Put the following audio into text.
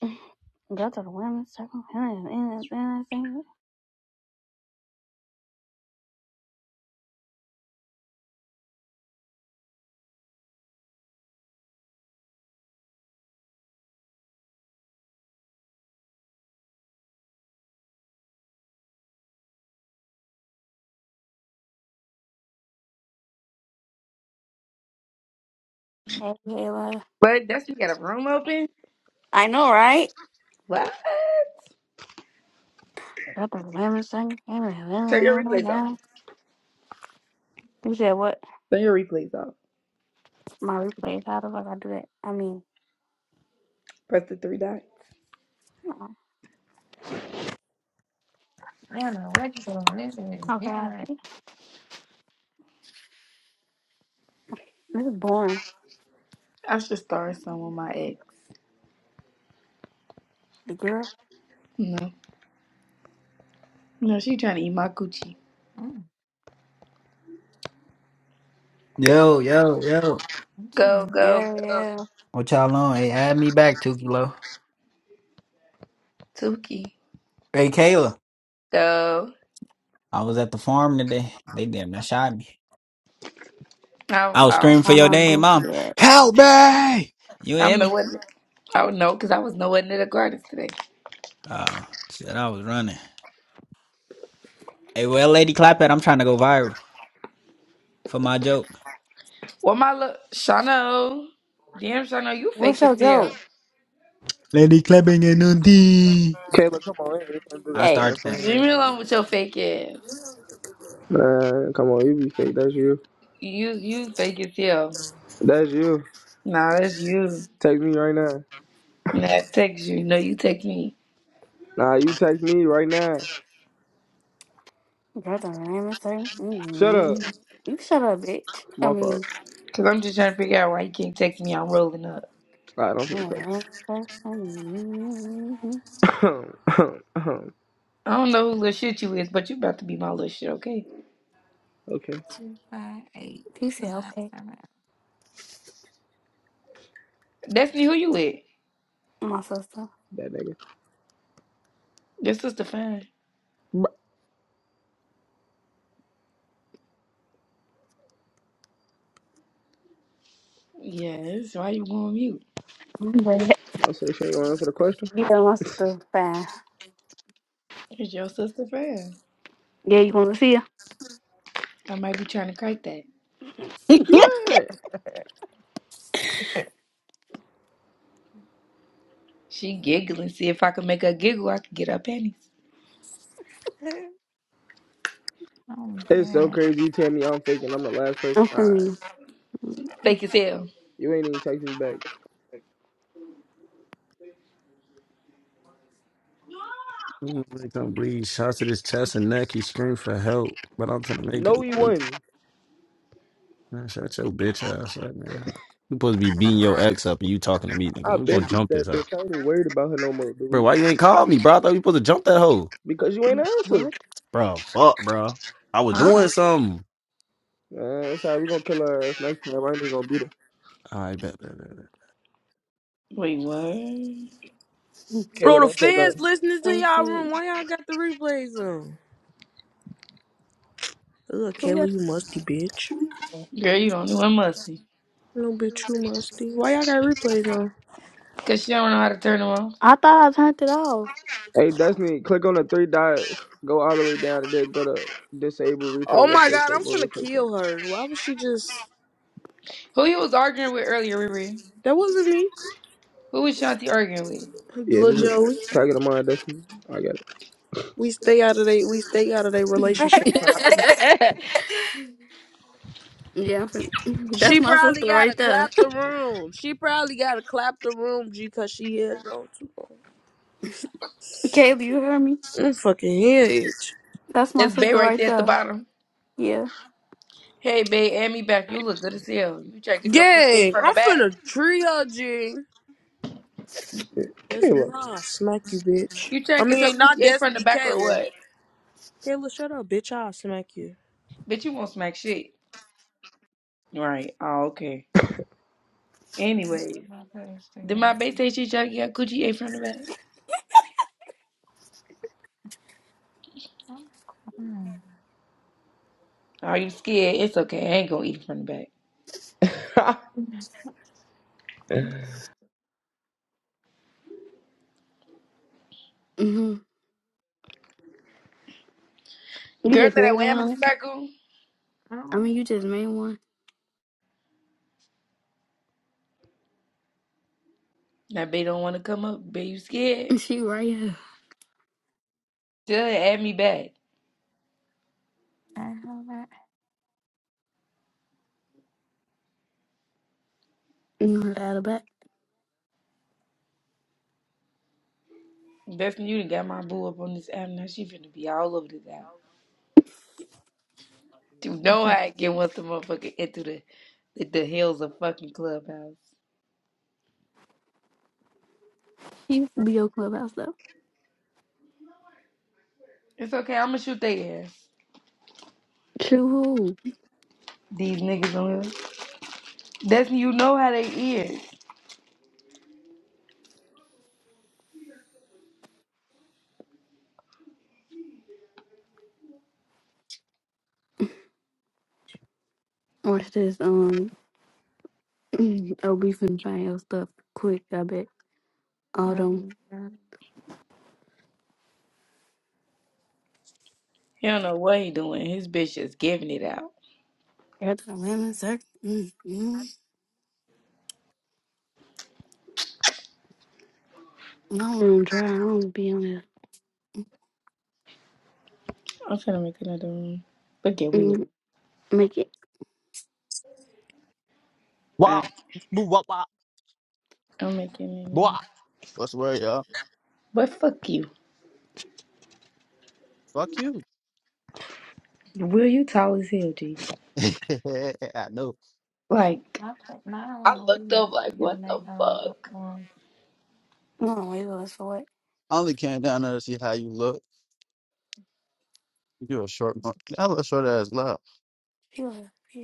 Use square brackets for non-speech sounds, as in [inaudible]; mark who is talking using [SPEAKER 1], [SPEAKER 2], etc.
[SPEAKER 1] [sighs] Go to the women's circle. Hey,
[SPEAKER 2] But that's you got a room open.
[SPEAKER 1] I know, right?
[SPEAKER 2] What?
[SPEAKER 1] Go to the women's circle.
[SPEAKER 2] Turn your replays off.
[SPEAKER 1] You said what?
[SPEAKER 2] Turn your replays off.
[SPEAKER 1] My replays. How the fuck I do that? I mean,
[SPEAKER 2] Press the three dots.
[SPEAKER 1] uh, how I? This is boring.
[SPEAKER 2] I should start some with my ex.
[SPEAKER 1] The girl.
[SPEAKER 2] No, no, she trying to eat my Gucci.
[SPEAKER 3] Yo, yo, yo.
[SPEAKER 2] Go, go,
[SPEAKER 1] Yeah,
[SPEAKER 2] go,
[SPEAKER 1] yeah.
[SPEAKER 3] What y'all on? Hey, add me back, two kilo.
[SPEAKER 2] Tuki.
[SPEAKER 3] Hey, Kayla.
[SPEAKER 2] Go.
[SPEAKER 3] I was at the farm today. They damn near shot me.
[SPEAKER 2] I'm,
[SPEAKER 3] I was
[SPEAKER 2] I'm,
[SPEAKER 3] screaming for
[SPEAKER 1] I
[SPEAKER 3] your
[SPEAKER 1] know,
[SPEAKER 3] name,
[SPEAKER 1] goofy
[SPEAKER 3] mom.
[SPEAKER 1] Yes.
[SPEAKER 3] Help me! You hear
[SPEAKER 2] I'm the
[SPEAKER 3] me?
[SPEAKER 2] one. Oh no, because I was nowhere near the gardens today.
[SPEAKER 3] Oh, shit, I was running. Hey, well, Lady Clap at, I'm trying to go viral for my joke.
[SPEAKER 2] Well, my look, Shano. Damn, Shano, you
[SPEAKER 1] What's
[SPEAKER 2] fake as
[SPEAKER 1] your
[SPEAKER 2] hell.
[SPEAKER 1] joke?
[SPEAKER 3] Lady clapping and on D.
[SPEAKER 4] Kayla, come on, it ain't finna do
[SPEAKER 3] I
[SPEAKER 4] that,
[SPEAKER 1] Hey,
[SPEAKER 4] man.
[SPEAKER 3] started
[SPEAKER 4] Come
[SPEAKER 3] that.
[SPEAKER 2] Leave me
[SPEAKER 4] on, man.
[SPEAKER 2] alone with your fake ass.
[SPEAKER 4] come on, you be fake. That's you.
[SPEAKER 2] You, you fake as hell.
[SPEAKER 4] That's you.
[SPEAKER 2] Nah, that's you.
[SPEAKER 4] Text me right now.
[SPEAKER 2] Nah, I text you. No, you text me.
[SPEAKER 4] Nah, you text me right now.
[SPEAKER 1] go to the women's circle.
[SPEAKER 4] Shut up,
[SPEAKER 1] mm You shut up, bitch. I
[SPEAKER 4] my
[SPEAKER 1] mean,
[SPEAKER 4] fault.
[SPEAKER 2] Cause I'm just trying to figure out why you can't text me. I'm rolling up.
[SPEAKER 4] I don't
[SPEAKER 1] [laughs]
[SPEAKER 4] think text.
[SPEAKER 1] women's circle. Mm-hmm.
[SPEAKER 4] [coughs] [clears throat]
[SPEAKER 2] I don't know who little shit you is, but you about to be my little shit, okay?
[SPEAKER 4] okay,
[SPEAKER 1] He said, okay.
[SPEAKER 2] Destiny, who you with?
[SPEAKER 1] My sister.
[SPEAKER 4] that nigga.
[SPEAKER 2] Your sister fan.
[SPEAKER 4] Bruh.
[SPEAKER 2] Yes, why you going mute?
[SPEAKER 1] But
[SPEAKER 4] I say, Shane, you want to answer the question.
[SPEAKER 1] you don't want to
[SPEAKER 2] It's your sister fan.
[SPEAKER 1] Yeah, you want to see her?
[SPEAKER 2] I might be trying to crack that.
[SPEAKER 4] Man,
[SPEAKER 2] She giggling. See if I can make her giggle, I can get her panties.
[SPEAKER 4] it's so crazy. You tell me I'm faking. I'm the last person.
[SPEAKER 1] I'm
[SPEAKER 4] Alright,
[SPEAKER 1] from
[SPEAKER 2] Fake
[SPEAKER 1] [laughs]
[SPEAKER 2] as hell.
[SPEAKER 4] you ain't even text me back.
[SPEAKER 5] Make him bleed. Shots to his chest and neck. He screamed for help, but I'm trying to make
[SPEAKER 4] No,
[SPEAKER 5] him
[SPEAKER 4] he
[SPEAKER 5] bleed.
[SPEAKER 4] wasn't.
[SPEAKER 5] Man, shut your bitch ass up, nigga. You supposed to be beating your ex up, and you talking to me, nigga.
[SPEAKER 4] I
[SPEAKER 5] We gonna
[SPEAKER 4] been beat
[SPEAKER 5] jump this
[SPEAKER 4] that
[SPEAKER 5] up,
[SPEAKER 4] bitch. I ain't even worried about her no more,
[SPEAKER 5] bro.
[SPEAKER 4] dude.
[SPEAKER 5] Why you ain't called me, bro? I thought you supposed to jump that hoe,
[SPEAKER 4] Because you ain't answer.
[SPEAKER 1] what?
[SPEAKER 5] bro. Fuck, bro. I was
[SPEAKER 2] Huh?
[SPEAKER 5] doing something.
[SPEAKER 4] Man, it's alright. We gonna kill her ass next time. I ain't even gonna beat her.
[SPEAKER 5] All right, bet, bet, bet, bet.
[SPEAKER 2] Wait, what?
[SPEAKER 4] Kayla,
[SPEAKER 6] Bro, the
[SPEAKER 4] don't say
[SPEAKER 6] fans
[SPEAKER 4] nothing.
[SPEAKER 6] listening to
[SPEAKER 1] I'm
[SPEAKER 6] y'all room.
[SPEAKER 1] seeing
[SPEAKER 6] Why y'all got the replays on? Look,
[SPEAKER 1] who got.
[SPEAKER 6] Kelly, you musty bitch.
[SPEAKER 2] Girl, you don't know I'm musty.
[SPEAKER 6] No, bitch, you musty. Why y'all got replays on?
[SPEAKER 2] Cause she don't know how to turn them off.
[SPEAKER 1] I thought I turned it off.
[SPEAKER 4] Hey, Destiny, click on the three dots. Go all the way down and then go to disable replays.
[SPEAKER 6] Oh my
[SPEAKER 4] Update
[SPEAKER 6] god, I'm
[SPEAKER 4] disable
[SPEAKER 6] finna
[SPEAKER 4] replay setting.
[SPEAKER 6] kill her. Why was she just?
[SPEAKER 2] Who you was arguing with earlier, Riri?
[SPEAKER 6] That wasn't me,
[SPEAKER 2] Who was Shanti arguing with?
[SPEAKER 4] Yeah,
[SPEAKER 6] Lil
[SPEAKER 4] just me.
[SPEAKER 6] Joey.
[SPEAKER 4] Can I get a mind, Destiny? I got
[SPEAKER 6] We stay out of they. We stay out of their relationship problems.
[SPEAKER 1] Yeah, I'm from. [laughs] That's
[SPEAKER 6] She
[SPEAKER 1] my
[SPEAKER 6] probably
[SPEAKER 1] sister
[SPEAKER 6] gotta
[SPEAKER 1] right
[SPEAKER 6] clap
[SPEAKER 1] there.
[SPEAKER 6] the room. She probably gotta clap the room, G, cause she had it on too long.
[SPEAKER 1] [laughs] Kaylee, you hear me?
[SPEAKER 6] I'm fucking head itch.
[SPEAKER 1] That's my
[SPEAKER 2] That's Bay
[SPEAKER 1] sister
[SPEAKER 2] right
[SPEAKER 1] right
[SPEAKER 2] there at the
[SPEAKER 1] there.
[SPEAKER 2] bottom.
[SPEAKER 1] Yeah.
[SPEAKER 2] Hey, babe, add me back. You look good as hell. You trying to get your coochie ate
[SPEAKER 6] Gang,
[SPEAKER 2] from the
[SPEAKER 6] I'm
[SPEAKER 2] back?
[SPEAKER 6] finna tree her, G. Destiny,
[SPEAKER 4] it.
[SPEAKER 6] I'll smack you, bitch.
[SPEAKER 2] You
[SPEAKER 6] I
[SPEAKER 2] trying to get your
[SPEAKER 6] mean, not
[SPEAKER 2] coochie ate from the
[SPEAKER 6] Destiny,
[SPEAKER 2] back or
[SPEAKER 6] Kayla.
[SPEAKER 2] what?
[SPEAKER 6] Kayla, shut up, bitch. I'll smack you.
[SPEAKER 2] Bitch, you won't smack shit. Right. Oh, okay. Anyways, did my babe say she trying to get her coochie ate from the back? Are you scared? It's okay. I ain't gonna eat it from the back.
[SPEAKER 4] Kayla. [laughs]
[SPEAKER 1] hmm You
[SPEAKER 2] Girl
[SPEAKER 1] just
[SPEAKER 2] said I
[SPEAKER 1] made
[SPEAKER 2] wham in a
[SPEAKER 1] one.
[SPEAKER 2] circle.
[SPEAKER 1] I mean, you just made one.
[SPEAKER 2] Now, babe don't want to come up. Babe, you
[SPEAKER 1] [laughs]
[SPEAKER 2] scared?
[SPEAKER 1] She right here.
[SPEAKER 2] Tell her to add me back.
[SPEAKER 1] You know how to add it back.
[SPEAKER 2] Best thing you done got my boo up on this app. Now she finna be all over this app. You know how I get once the motherfucker into the, the, the hills of fucking clubhouse.
[SPEAKER 1] She used to be your clubhouse though.
[SPEAKER 2] It's okay. I'm gonna shoot their ass.
[SPEAKER 1] True.
[SPEAKER 2] These niggas on here. Destiny, you know how they is.
[SPEAKER 1] Watch this. Um. [clears throat] Mm, oh, we finna find your stuff quick. I bet all them.
[SPEAKER 2] He don't know what he doing. His bitch just giving it out.
[SPEAKER 1] Got the women suck. Mm, mm. No, Them dry. I don't be on it.
[SPEAKER 2] I'm trying to make another one. Look at Will.
[SPEAKER 1] Mm, make it.
[SPEAKER 7] Wow.
[SPEAKER 2] Alright,
[SPEAKER 7] Boo, wop, wop,
[SPEAKER 2] I'm making it now.
[SPEAKER 7] wop. What's the word, y'all?
[SPEAKER 2] But fuck you.
[SPEAKER 7] Fuck you.
[SPEAKER 2] Will, you tall as hell, G.
[SPEAKER 7] [laughs] I know.
[SPEAKER 2] Like, I looked up like, what the fuck?
[SPEAKER 1] no, wait, for what?
[SPEAKER 7] I only came down there to see how you look. you a short, mo- I look short ass. love.
[SPEAKER 1] Yeah.